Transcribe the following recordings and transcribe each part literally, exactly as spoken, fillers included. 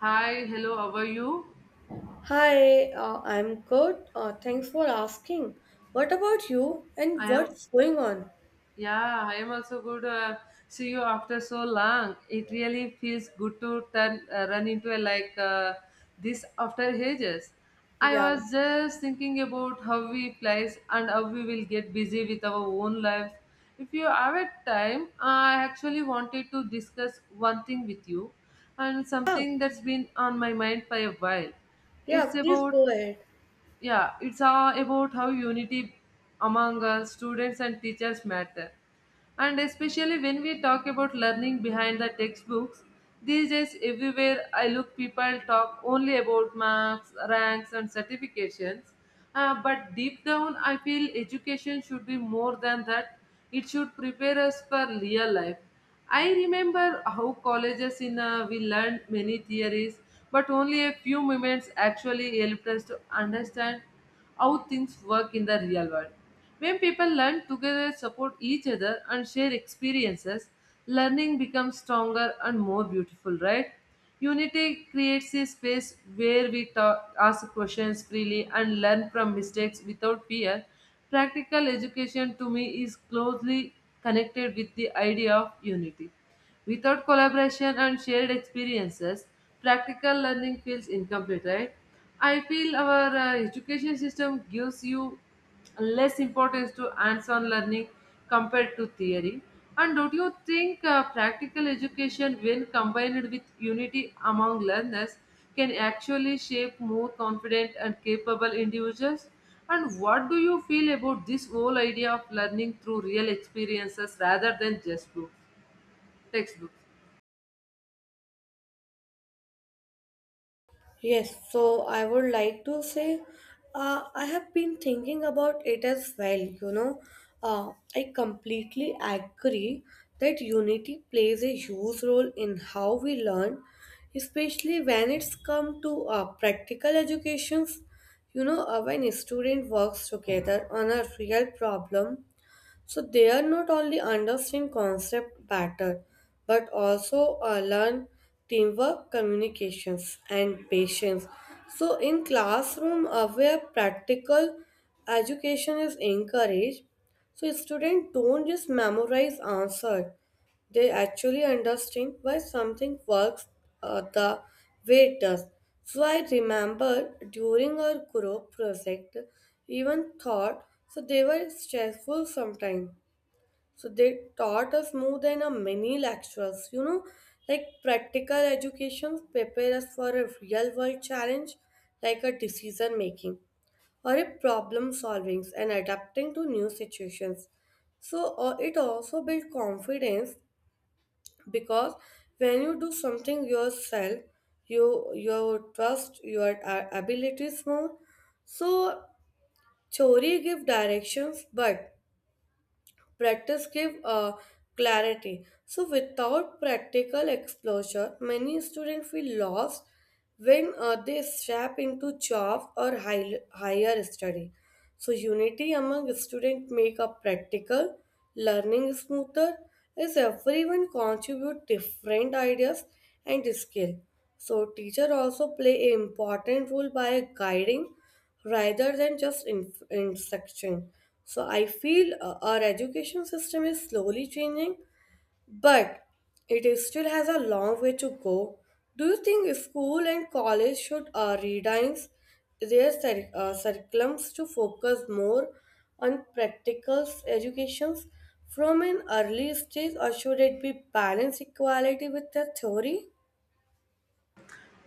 Hi, hello, how are you? Hi, uh, I'm good. Uh, thanks for asking. What about you and I am, what's going on? yeah, I am also good. Uh, see you after so long. It really feels good to turn uh, run into a like uh, this after ages. I Yeah. was just thinking about how we place and how we will get busy with our own lives. If you have a time, I actually wanted to discuss one thing with you and Yeah, something that's been on my mind for a while. yeah, It's please about go ahead. yeah it's uh, about how unity among uh, students and teachers matter, and especially when we talk about learning behind the textbooks. These days everywhere I look, people talk only about marks, ranks, and certifications. Uh, but deep down, I feel education should be more than that. It should prepare us for real life. I remember how colleges in uh, we learned many theories, but only a few moments actually helped us to understand how things work in the real world. When people learn together, support each other, and share experiences, learning becomes stronger and more beautiful, right? Unity creates a space where we talk, ask questions freely and learn from mistakes without fear. Practical education to me is closely connected with the idea of unity. Without collaboration and shared experiences, practical learning feels incomplete, right? I feel our uh, education system gives you less importance to hands-on learning compared to theory. And don't you think uh, practical education, when combined with unity among learners, can actually shape more confident and capable individuals? And what do you feel about this whole idea of learning through real experiences rather than just books, textbooks? Yes, so I would like to say uh, I have been thinking about it as well. You know, uh, I completely agree that unity plays a huge role in how we learn, especially when it's come to uh, practical educations. You know, uh, when a student works together on a real problem, so they are not only understand concept better, but also uh, learn teamwork, communications, and patience. So in classroom uh, where practical education is encouraged, so students don't just memorize answer; they actually understand why something works uh, the way it does. So I remember during our group project, even thought so they were stressful sometimes, so they taught us more than a many lectures, you know, like practical education prepare us for a real world challenge like a decision making or a problem solving and adapting to new situations. So uh, it also build confidence because when you do something yourself, you you trust your uh, abilities more. So theory give directions, but practice give uh, clarity. So without practical exposure, many students feel lost when uh, they step into job or high, higher study. So unity among students make a practical learning smoother, as everyone contribute different ideas and skill. So teacher also play an important role by guiding rather than just in- instruction. So I feel uh, our education system is slowly changing, but it is still has a long way to go. Do you think school and college should uh, redimes their cir- uh, curriculums to focus more on practical educations from an early stage, or should it be balance equality with the theory?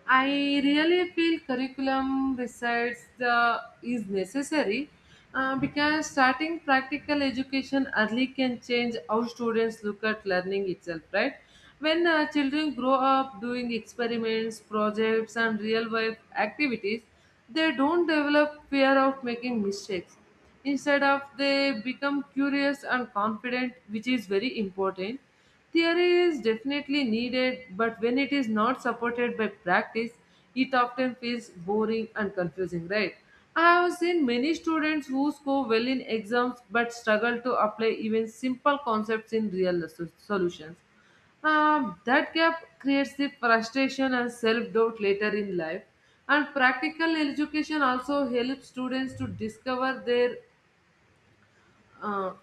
I really feel curriculum besides the is necessary uh, because starting practical education early can change how students look at learning itself, right? When uh, children grow up doing experiments, projects, and real life activities, they don't develop fear of making mistakes. Instead of they become curious and confident, which is very important. Theory is definitely needed, but when it is not supported by practice, it often feels boring and confusing, right? I have seen many students who score well in exams but struggle to apply even simple concepts in real so- solutions. Um, that gap creates the frustration and self doubt later in life. And practical education also helps students to discover their uh,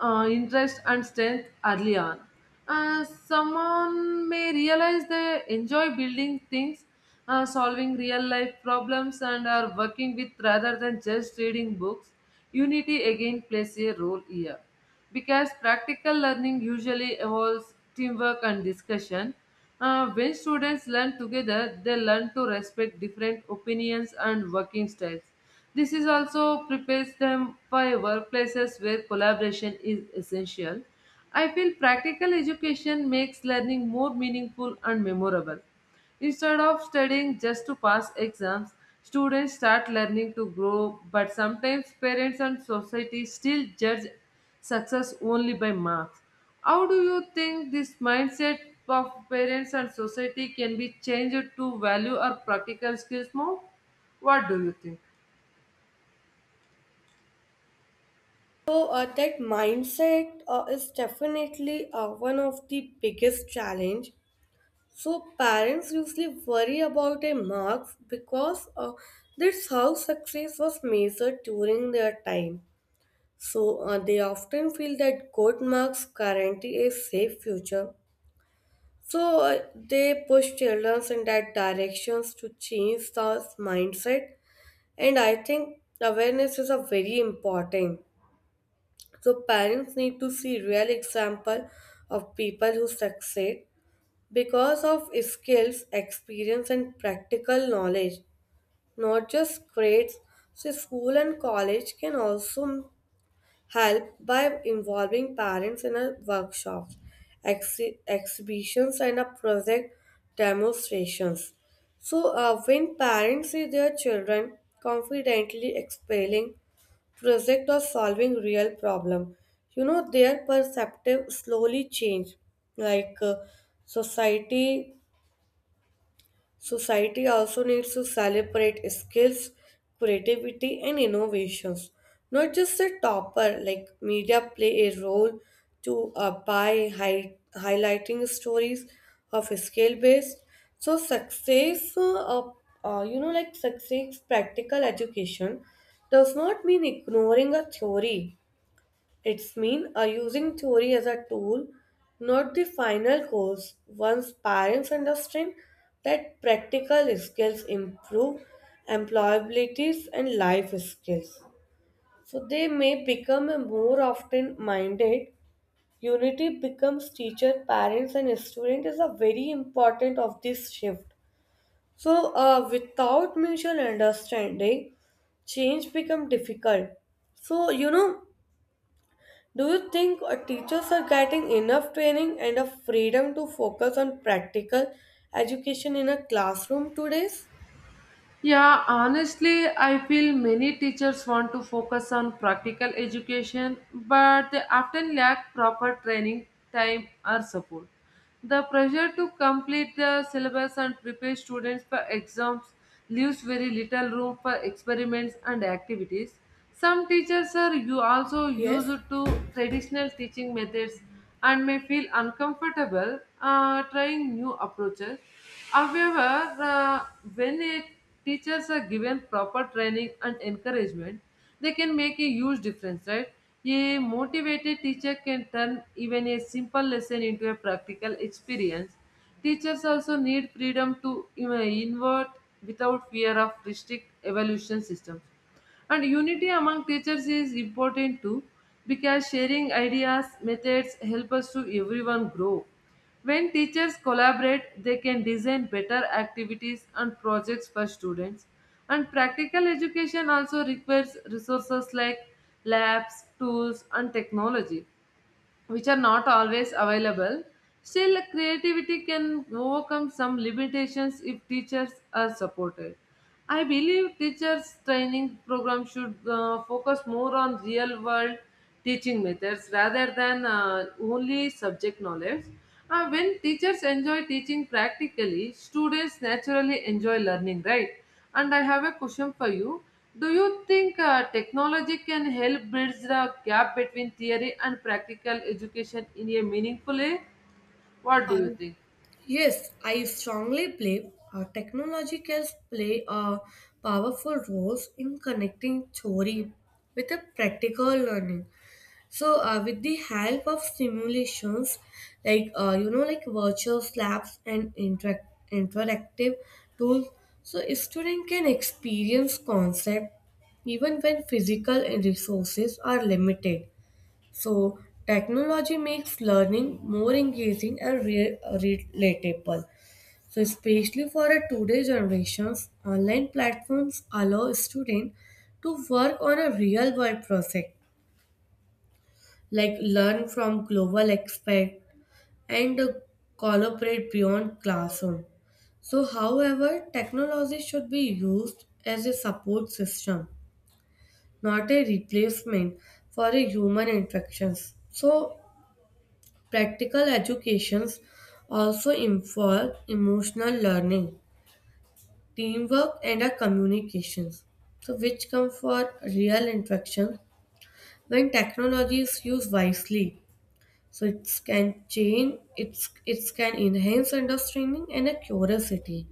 uh, interest and strength early on. Uh, someone may realize they enjoy building things, uh, solving real life problems, and are working with rather than just reading books. Unity again plays a role here because practical learning usually involves teamwork and discussion. Uh, when students learn together, they learn to respect different opinions and working styles. This is also prepares them for workplaces where collaboration is essential. I feel practical education makes learning more meaningful and memorable. Instead of studying just to pass exams, students start learning to grow, but sometimes parents and society still judge success only by marks. How do you think this mindset of parents and society can be changed to value or practical skills more? What do you think? So uh, that mindset uh, is definitely uh, one of the biggest challenge. So parents usually worry about their marks because uh, that's how success was measured during their time. So uh, they often feel that good marks guarantee a safe future. So uh, they push children in that directions to change the mindset. And I think awareness is a very important. So parents need to see real example of people who succeed because of skills, experience, and practical knowledge, not just grades. So, school and college can also help by involving parents in a workshops, exhi- exhibitions, and a project demonstrations. So, uh, when parents see their children confidently explaining project or solving real problem, you know their perceptive slowly change. Like uh, society Society also needs to celebrate skills, creativity, and innovations. Not just the topper, like media play a role to uh, by hi- highlighting stories of skill based. So success, uh, uh, you know, like success practical education does not mean ignoring a theory, it's mean are using theory as a tool, not the final cause. Once parents understand that practical skills improve employabilities and life skills. So they may become a more often minded. Unity becomes teacher, parents and student is a very important of this shift. So uh, without mutual understanding, change become difficult. So you know, do you think our teachers are getting enough training and a freedom to focus on practical education in a classroom today? Yeah, honestly, I feel many teachers want to focus on practical education, but they often lack proper training, time, or support. The pressure to complete the syllabus and prepare students for exams leaves very little room for experiments and activities. Some teachers are you also Yes, used to traditional teaching methods and may feel uncomfortable uh, trying new approaches. However, uh, when a teachers are given proper training and encouragement, they can make a huge difference, right? A motivated teacher can turn even a simple lesson into a practical experience. Teachers also need freedom to you know, invert without fear of strict evaluation systems. And unity among teachers is important too because sharing ideas, methods help us to everyone grow. When teachers collaborate, they can design better activities and projects for students. And practical education also requires resources like labs, tools, and technology which are not always available. Still, creativity can overcome some limitations if teachers are supported. I believe teachers' training program should uh, focus more on real world teaching methods rather than uh, only subject knowledge. Uh, when teachers enjoy teaching practically, students naturally enjoy learning, right? And I have a question for you. Do you think uh, technology can help bridge the gap between theory and practical education in a meaningful way? What do uh, you think? yes, I strongly believe uh, technology can play a powerful role in connecting theory with a practical learning. So, uh, with the help of simulations, like uh, you know, like virtual labs and interact- interactive tools, so a student can experience concept even when physical and resources are limited. So, technology makes learning more engaging and re- relatable. So, especially for a today's generations, online platforms allow students to work on a real world project like learn from global experts and uh, collaborate beyond classroom. So, however, technology should be used as a support system, not a replacement for a human interactions. So, practical educations also involve emotional learning, teamwork, and a communications. So, which come for real interaction when technology is used wisely. So it can change, it's it can enhance understanding and a curiosity.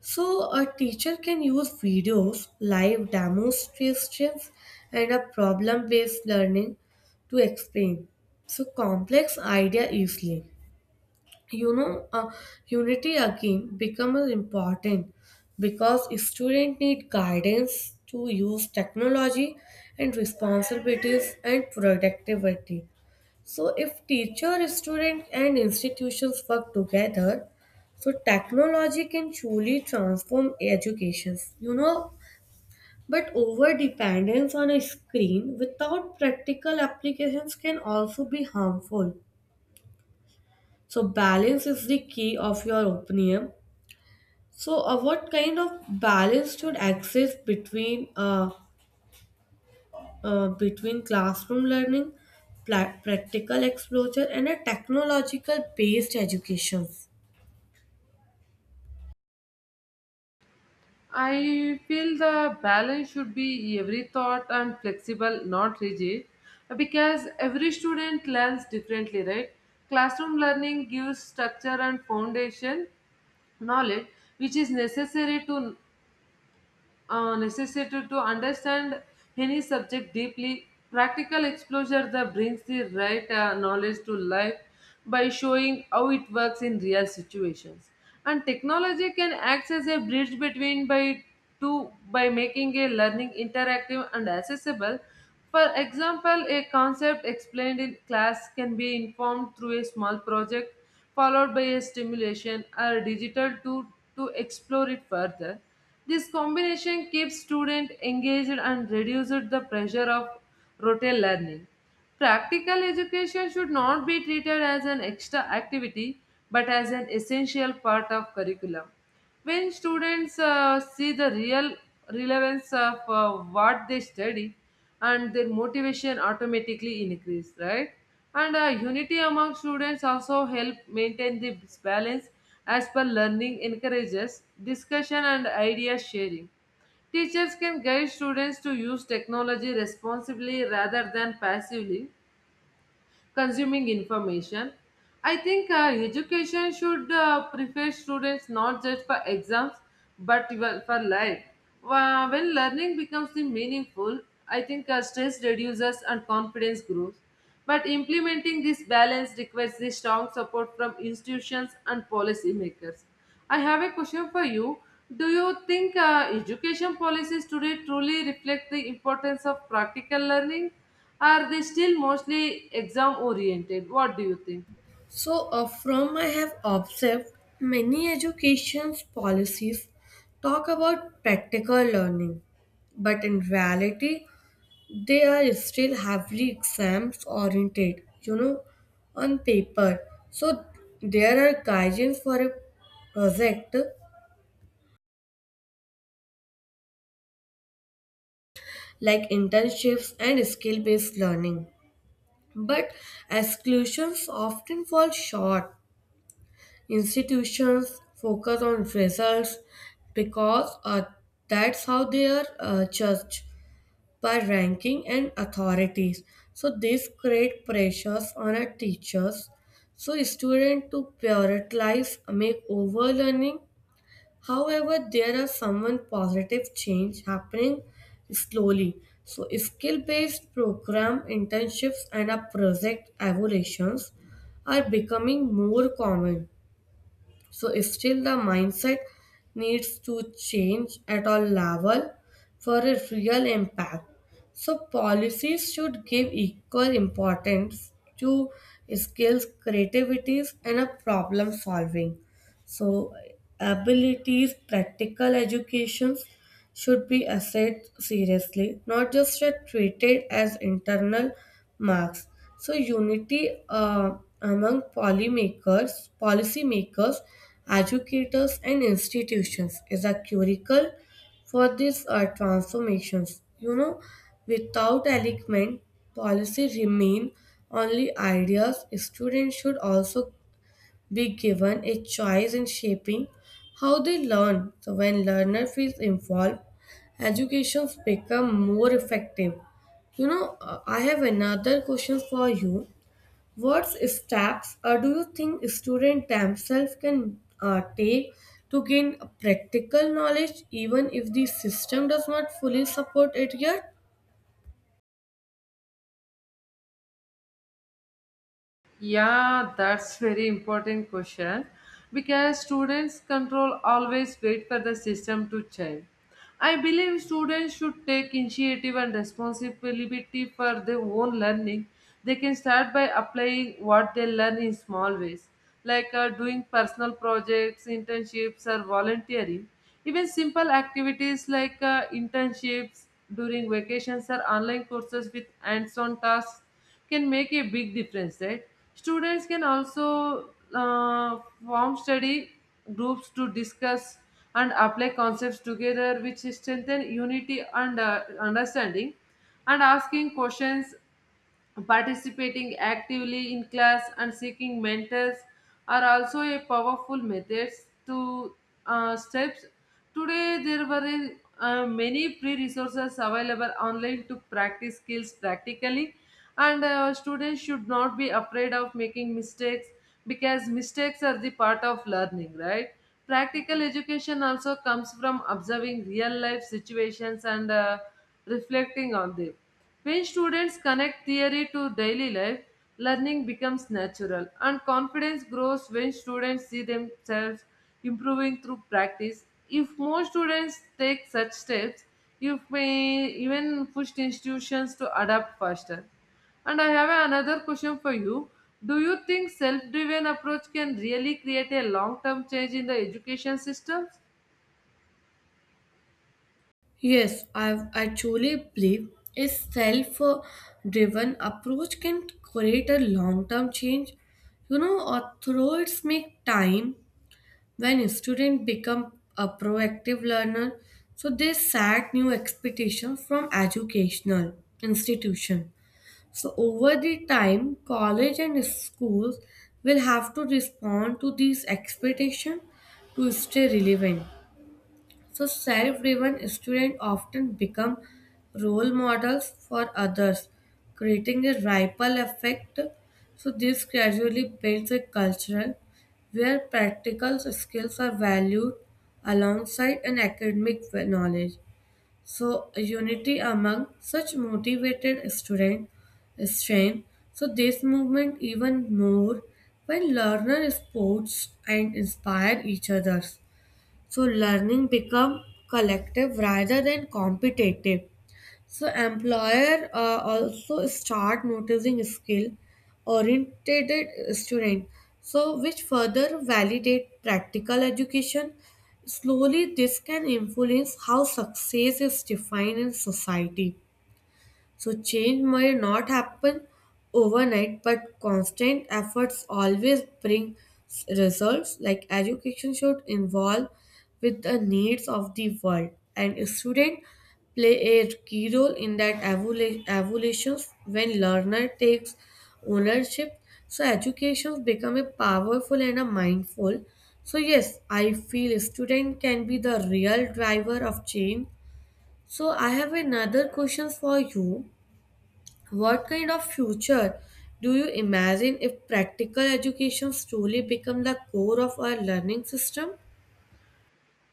So a teacher can use videos, live demonstrations, and a problem-based learning to explain so complex idea easily. You know, uh, unity again becomes important because students need guidance to use technology and responsibilities and productivity. So if teacher, student and institutions work together, so technology can truly transform education, you know. But over dependence on a screen without practical applications can also be harmful. So balance is the key of your opinion. So uh, what kind of balance should exist between uh, uh, between classroom learning, pla- practical exposure and a technological based education? I feel the balance should be every thought and flexible, not rigid, because every student learns differently, right? Classroom learning gives structure and foundation knowledge, which is necessary to uh, necessity to understand any subject deeply. Practical exposure that brings the right uh, knowledge to life by showing how it works in real situations. And technology can act as a bridge between by two by making a learning interactive and accessible. For example, a concept explained in class can be informed through a small project followed by a stimulation or digital tool to explore it further. This combination keeps students engaged and reduces the pressure of rote learning. Practical education should not be treated as an extra activity but as an essential part of curriculum. When students uh, see the real relevance of uh, what they study and their motivation automatically increase, right? And uh, unity among students also help maintain the balance as per learning encourages discussion and idea sharing. Teachers can guide students to use technology responsibly rather than passively consuming information. I think uh, education should uh, prepare students not just for exams but even for life. Wha- When learning becomes the meaningful, I think uh, stress reduces and confidence grows. But implementing this balance requires the strong support from institutions and policymakers. I have a question for you. Do you think uh, education policies today truly reflect the importance of practical learning? Are they still mostly exam oriented? What do you think? So, uh, from I have observed, many education policies talk about practical learning, but in reality, they are still heavily exams oriented, you know, on paper. So, there are guidance for a project like internships and skill based learning, but exclusions often fall short. Institutions focus on results because uh, that's how they are uh, judged by ranking and authorities. So this create pressures on our teachers. So student to prioritize make overlearning. However, there are someone positive change happening slowly. So skill-based program internships and our project evaluations are becoming more common, so still the mindset needs to change at all level for a real impact, so policies should give equal importance to skills creativities and a problem solving, so abilities practical educations should be assessed seriously, not just uh, treated as internal marks. So unity uh, among polymakers, policymakers, educators, and institutions is a curricle for these uh, transformations. You know, without alignment, policy remain only ideas. Students should also be given a choice in shaping how they learn. So when learner feels involved, educations become more effective. You know, uh, I have another question for you. What steps uh, do you think students themselves can uh, take to gain practical knowledge even if the system does not fully support it yet? Yeah, that's very important question because students control always wait for the system to change. I believe students should take initiative and responsibility for their own learning. They can start by applying what they learn in small ways, like uh, doing personal projects, internships, or volunteering. Even simple activities like uh, internships during vacations or online courses with hands on tasks can make a big difference, right? Students can also uh, form study groups to discuss and apply concepts together, which strengthen unity and uh, understanding. And asking questions, participating actively in class and seeking mentors are also a powerful methods to uh, steps. Today, there were a- uh, many free resources available online to practice skills practically, and uh, students should not be afraid of making mistakes because mistakes are the part of learning, right? Practical education also comes from observing real life situations and uh, reflecting on them. When students connect theory to daily life, learning becomes natural and confidence grows when students see themselves improving through practice. If more students take such steps, you may even push institutions to adapt faster. And I have another question for you. Do you think self driven approach can really create a long term change in the education systems? Yes, I, I truly believe a self driven approach can create a long term change. You know, authorities make time when students become a proactive learner, so they set new expectations from educational institution. So over the time, college and schools will have to respond to these expectations to stay relevant. So self-driven students often become role models for others, creating a ripple effect. So this gradually builds a culture where practical skills are valued alongside an academic knowledge. So unity among such motivated students strength. So this movement even more when learner sports and inspire each others. So learning become collective rather than competitive. So employer uh, also start noticing skill oriented student. So which further validate practical education. Slowly this can influence how success is defined in society. So change may not happen overnight, but constant efforts always bring s- results. Like education should involve with the needs of the world, and students play a key role in that evolu- evolutions when learner takes ownership. So education become a powerful and a mindful. So yes, I feel student can be the real driver of change. So I have another question for you. What kind of future do you imagine if practical education truly become the core of our learning system?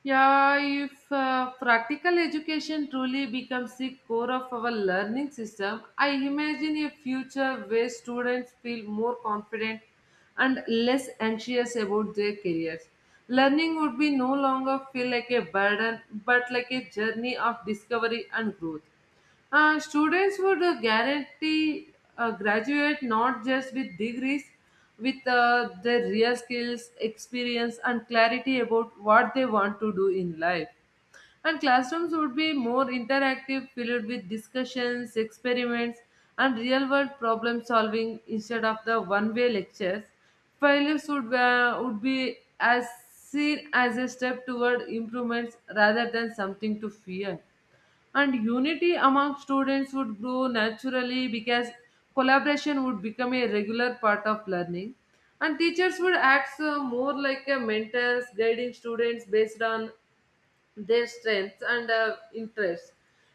Yeah, if uh, practical education truly becomes the core of our learning system, I imagine a future where students feel more confident and less anxious about their careers. Learning would be no longer feel like a burden but like a journey of discovery and growth. Uh, students would uh, guarantee uh, graduate not just with degrees, with uh, their real skills, experience, and clarity about what they want to do in life. And classrooms would be more interactive, filled with discussions, experiments, and real world problem solving instead of the one way lectures. Failures would, uh, would be as seen as a step toward improvements rather than something to fear, and unity among students would grow naturally because collaboration would become a regular part of learning and teachers would act uh, more like a mentors guiding students based on their strengths and uh, interests.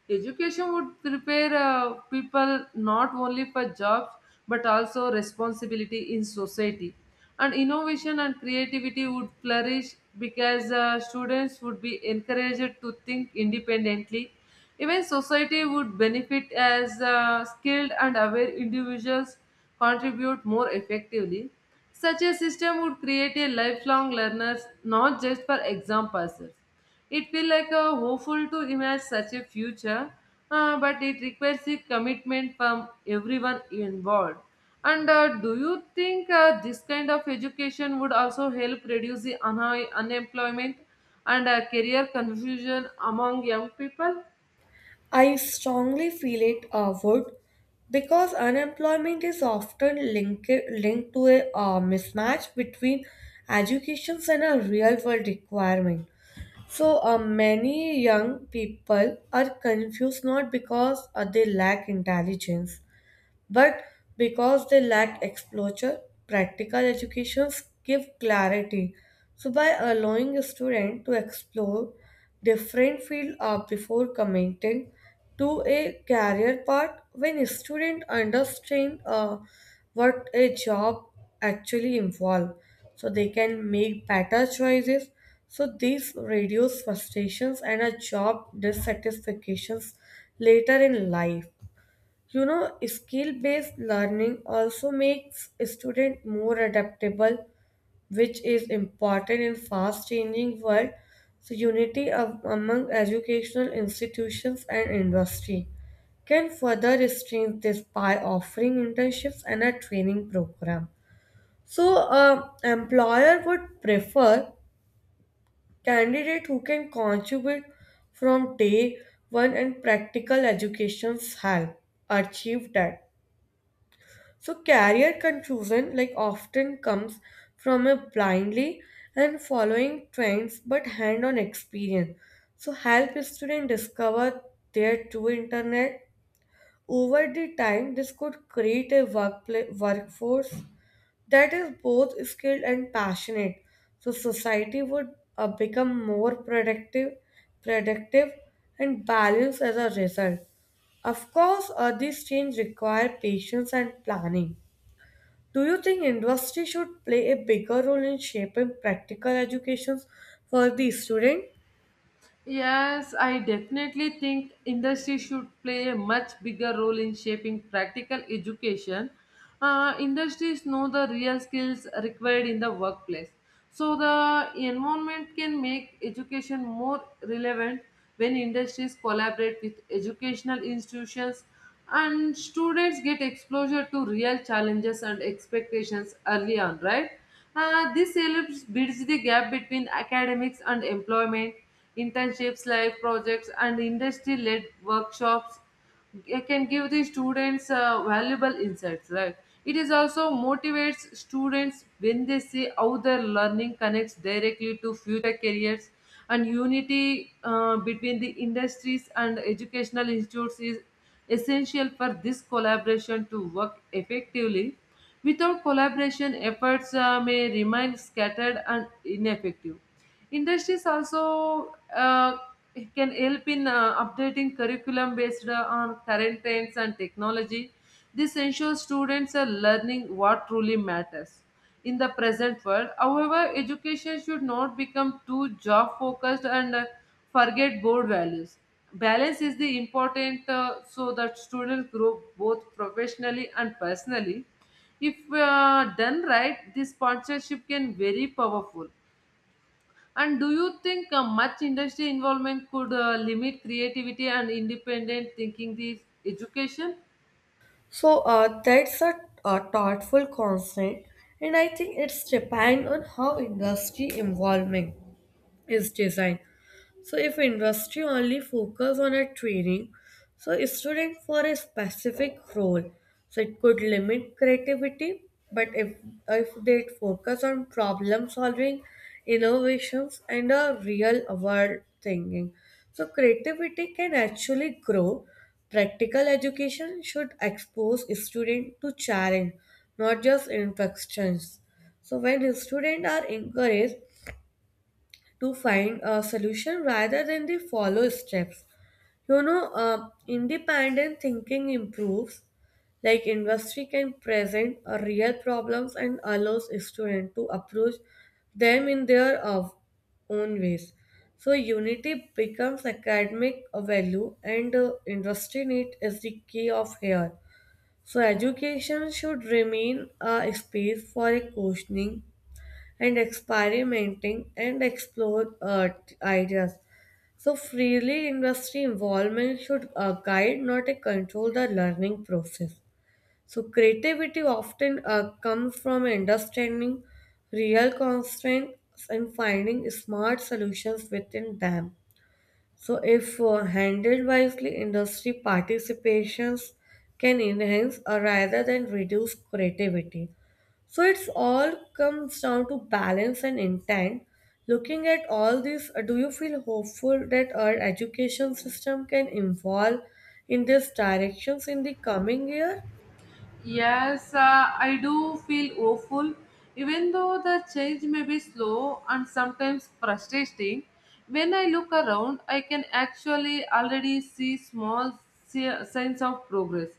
Education would prepare uh, people not only for jobs but also responsibility in society. And innovation and creativity would flourish because uh, students would be encouraged to think independently. Even society would benefit as uh, skilled and aware individuals contribute more effectively. Such a system would create a lifelong learners, not just for exam passers. It feels like a hopeful to imagine such a future, uh, but it requires a commitment from everyone involved. And uh, do you think uh, this kind of education would also help reduce the unha- unemployment and uh, career confusion among young people? I strongly feel it uh, would because unemployment is often linked, linked to a uh, mismatch between educations and a real world requirement. So uh, many young people are confused not because uh, they lack intelligence but because they lack exposure, practical educations give clarity. So by allowing a student to explore different field uh, before committing to a career path, when a student understand uh, what a job actually involves, so they can make better choices. So these reduce frustrations and a job dissatisfactions later in life. You know, skill-based learning also makes students more adaptable, which is important in fast-changing world. So unity of, among educational institutions and industry can further strengthen this by offering internships and a training program. So, uh, employer would prefer candidate who can contribute from day one and practical education's help achieve that. So, career confusion like often comes from a blindly and following trends but hand on experience. So, help students discover their true internet. Over the time, this could create a workplace, workforce that is both skilled and passionate. So, society would uh, become more productive, productive, and balanced as a result. Of course, uh, these change require patience and planning. Do you think industry should play a bigger role in shaping practical educations for the student? Yes, I definitely think industry should play a much bigger role in shaping practical education. Uh, industries know the real skills required in the workplace. So the environment can make education more relevant when industries collaborate with educational institutions and students get exposure to real challenges and expectations early on, right? Uh, this helps bridge the gap between academics and employment. Internships, live projects and industry-led workshops, it can give the students uh, valuable insights, right? It is also motivates students when they see how their learning connects directly to future careers, and unity uh, between the industries and educational institutes is essential for this collaboration to work effectively. Without collaboration, efforts uh, may remain scattered and ineffective. Industries also uh, can help in uh, updating curriculum based uh, on current trends and technology. This ensures students are learning what truly matters in the present world. However, education should not become too job focused and uh, forget board values. Balance is the important uh, so that students grow both professionally and personally. If uh, done right, this partnership can very powerful. And do you think uh, much industry involvement could uh, limit creativity and independent thinking? This education. So uh, that's a, a thoughtful concept, and I think it's depend on how industry involvement is designed. So if industry only focus on a training, so a student for a specific role, so it could limit creativity. But if if they focus on problem solving, innovations, and a real world thinking, so creativity can actually grow. Practical education should expose student to challenge, not just instructions. So when students are encouraged to find a solution rather than they follow steps. You know, uh, independent thinking improves, like industry can present uh, real problems and allows students to approach them in their uh, own ways. So unity becomes academic value and uh, industry need is the key of here. So education should remain a space for a questioning and experimenting and explore uh, t- ideas. So, freely industry involvement should uh, guide, not uh, control the learning process. So, creativity often uh, comes from understanding real constraints and finding smart solutions within them. So, if uh, handled wisely, industry participations can enhance or rather than reduce creativity. So, it's all comes down to balance and intent. Looking at all this, uh, do you feel hopeful that our education system can evolve in these directions in the coming year? Yes, uh, I do feel hopeful, even though the change may be slow and sometimes frustrating. When I look around, I can actually already see small si- signs of progress.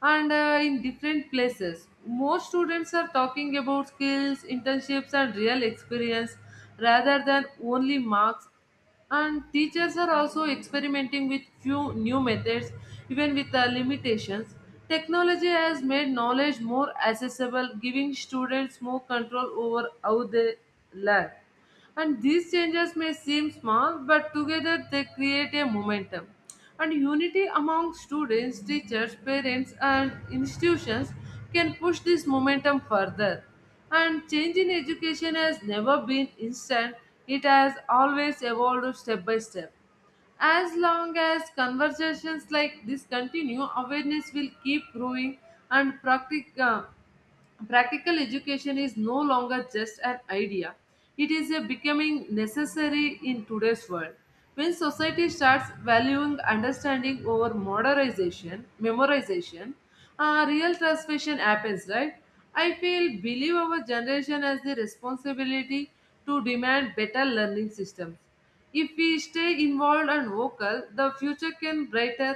And uh, in different places, more students are talking about skills, internships, and real experience rather than only marks, and teachers are also experimenting with few new methods even with the limitations. Technology has made knowledge more accessible, giving students more control over how they learn, and these changes may seem small but together they create a momentum, and unity among students, teachers, parents, and institutions can push this momentum further. And change in education has never been instant, it has always evolved step by step. As long as conversations like this continue, awareness will keep growing, and practic- uh, practical education is no longer just an idea. It is a becoming necessary in today's world when society starts valuing understanding over modernization memorization. Uh, real transformation happens, right? I feel believe our generation has the responsibility to demand better learning systems. If we stay involved and vocal, the future can brighter,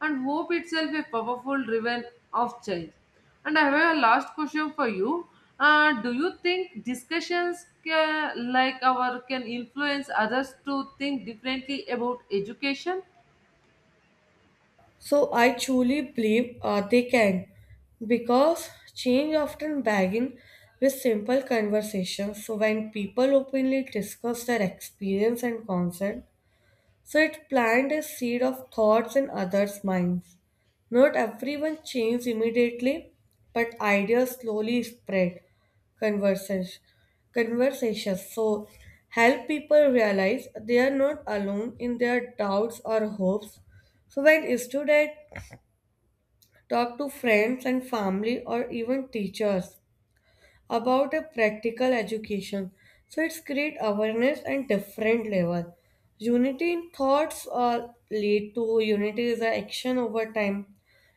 and hope itself a powerful driven of change. And I have a last question for you. Uh, do you think discussions ca- like our can influence others to think differently about education? So I truly believe uh, they can because change often begins with simple conversations. So when people openly discuss their experience and concern, so it planted a seed of thoughts in others' minds. Not everyone changes immediately, but ideas slowly spread. Conversations, conversations. So help people realize they are not alone in their doubts or hopes. So when students talk to friends and family or even teachers about a practical education. So it's create awareness and different level. Unity in thoughts uh, lead to unity is an action over time.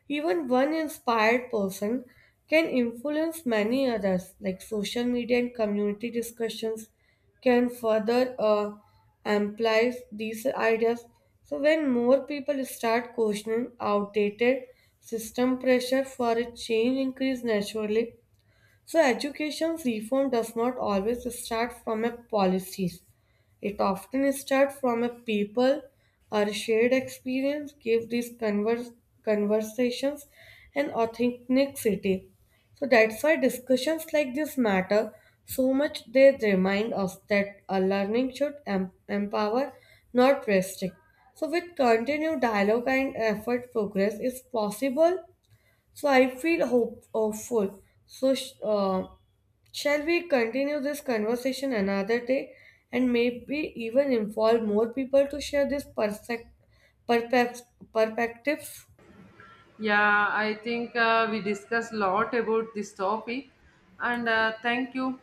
Even one inspired person can influence many others, like social media and community discussions can further uh, amplify these ideas. So when more people start questioning outdated system pressure for a change increase naturally, so, education reform does not always start from a policies. It often starts from a people or shared experience. Give these converse, conversations an authenticity. So that's why discussions like this matter so much. They remind us that a learning should em- empower, not restrict. So with continued dialogue and effort, progress is possible. So I feel hope hopeful. So sh- uh, shall we continue this conversation another day and maybe even involve more people to share this perspect- perpec- perspectives? Yeah, I think uh, we discussed a lot about this topic, and uh, thank you.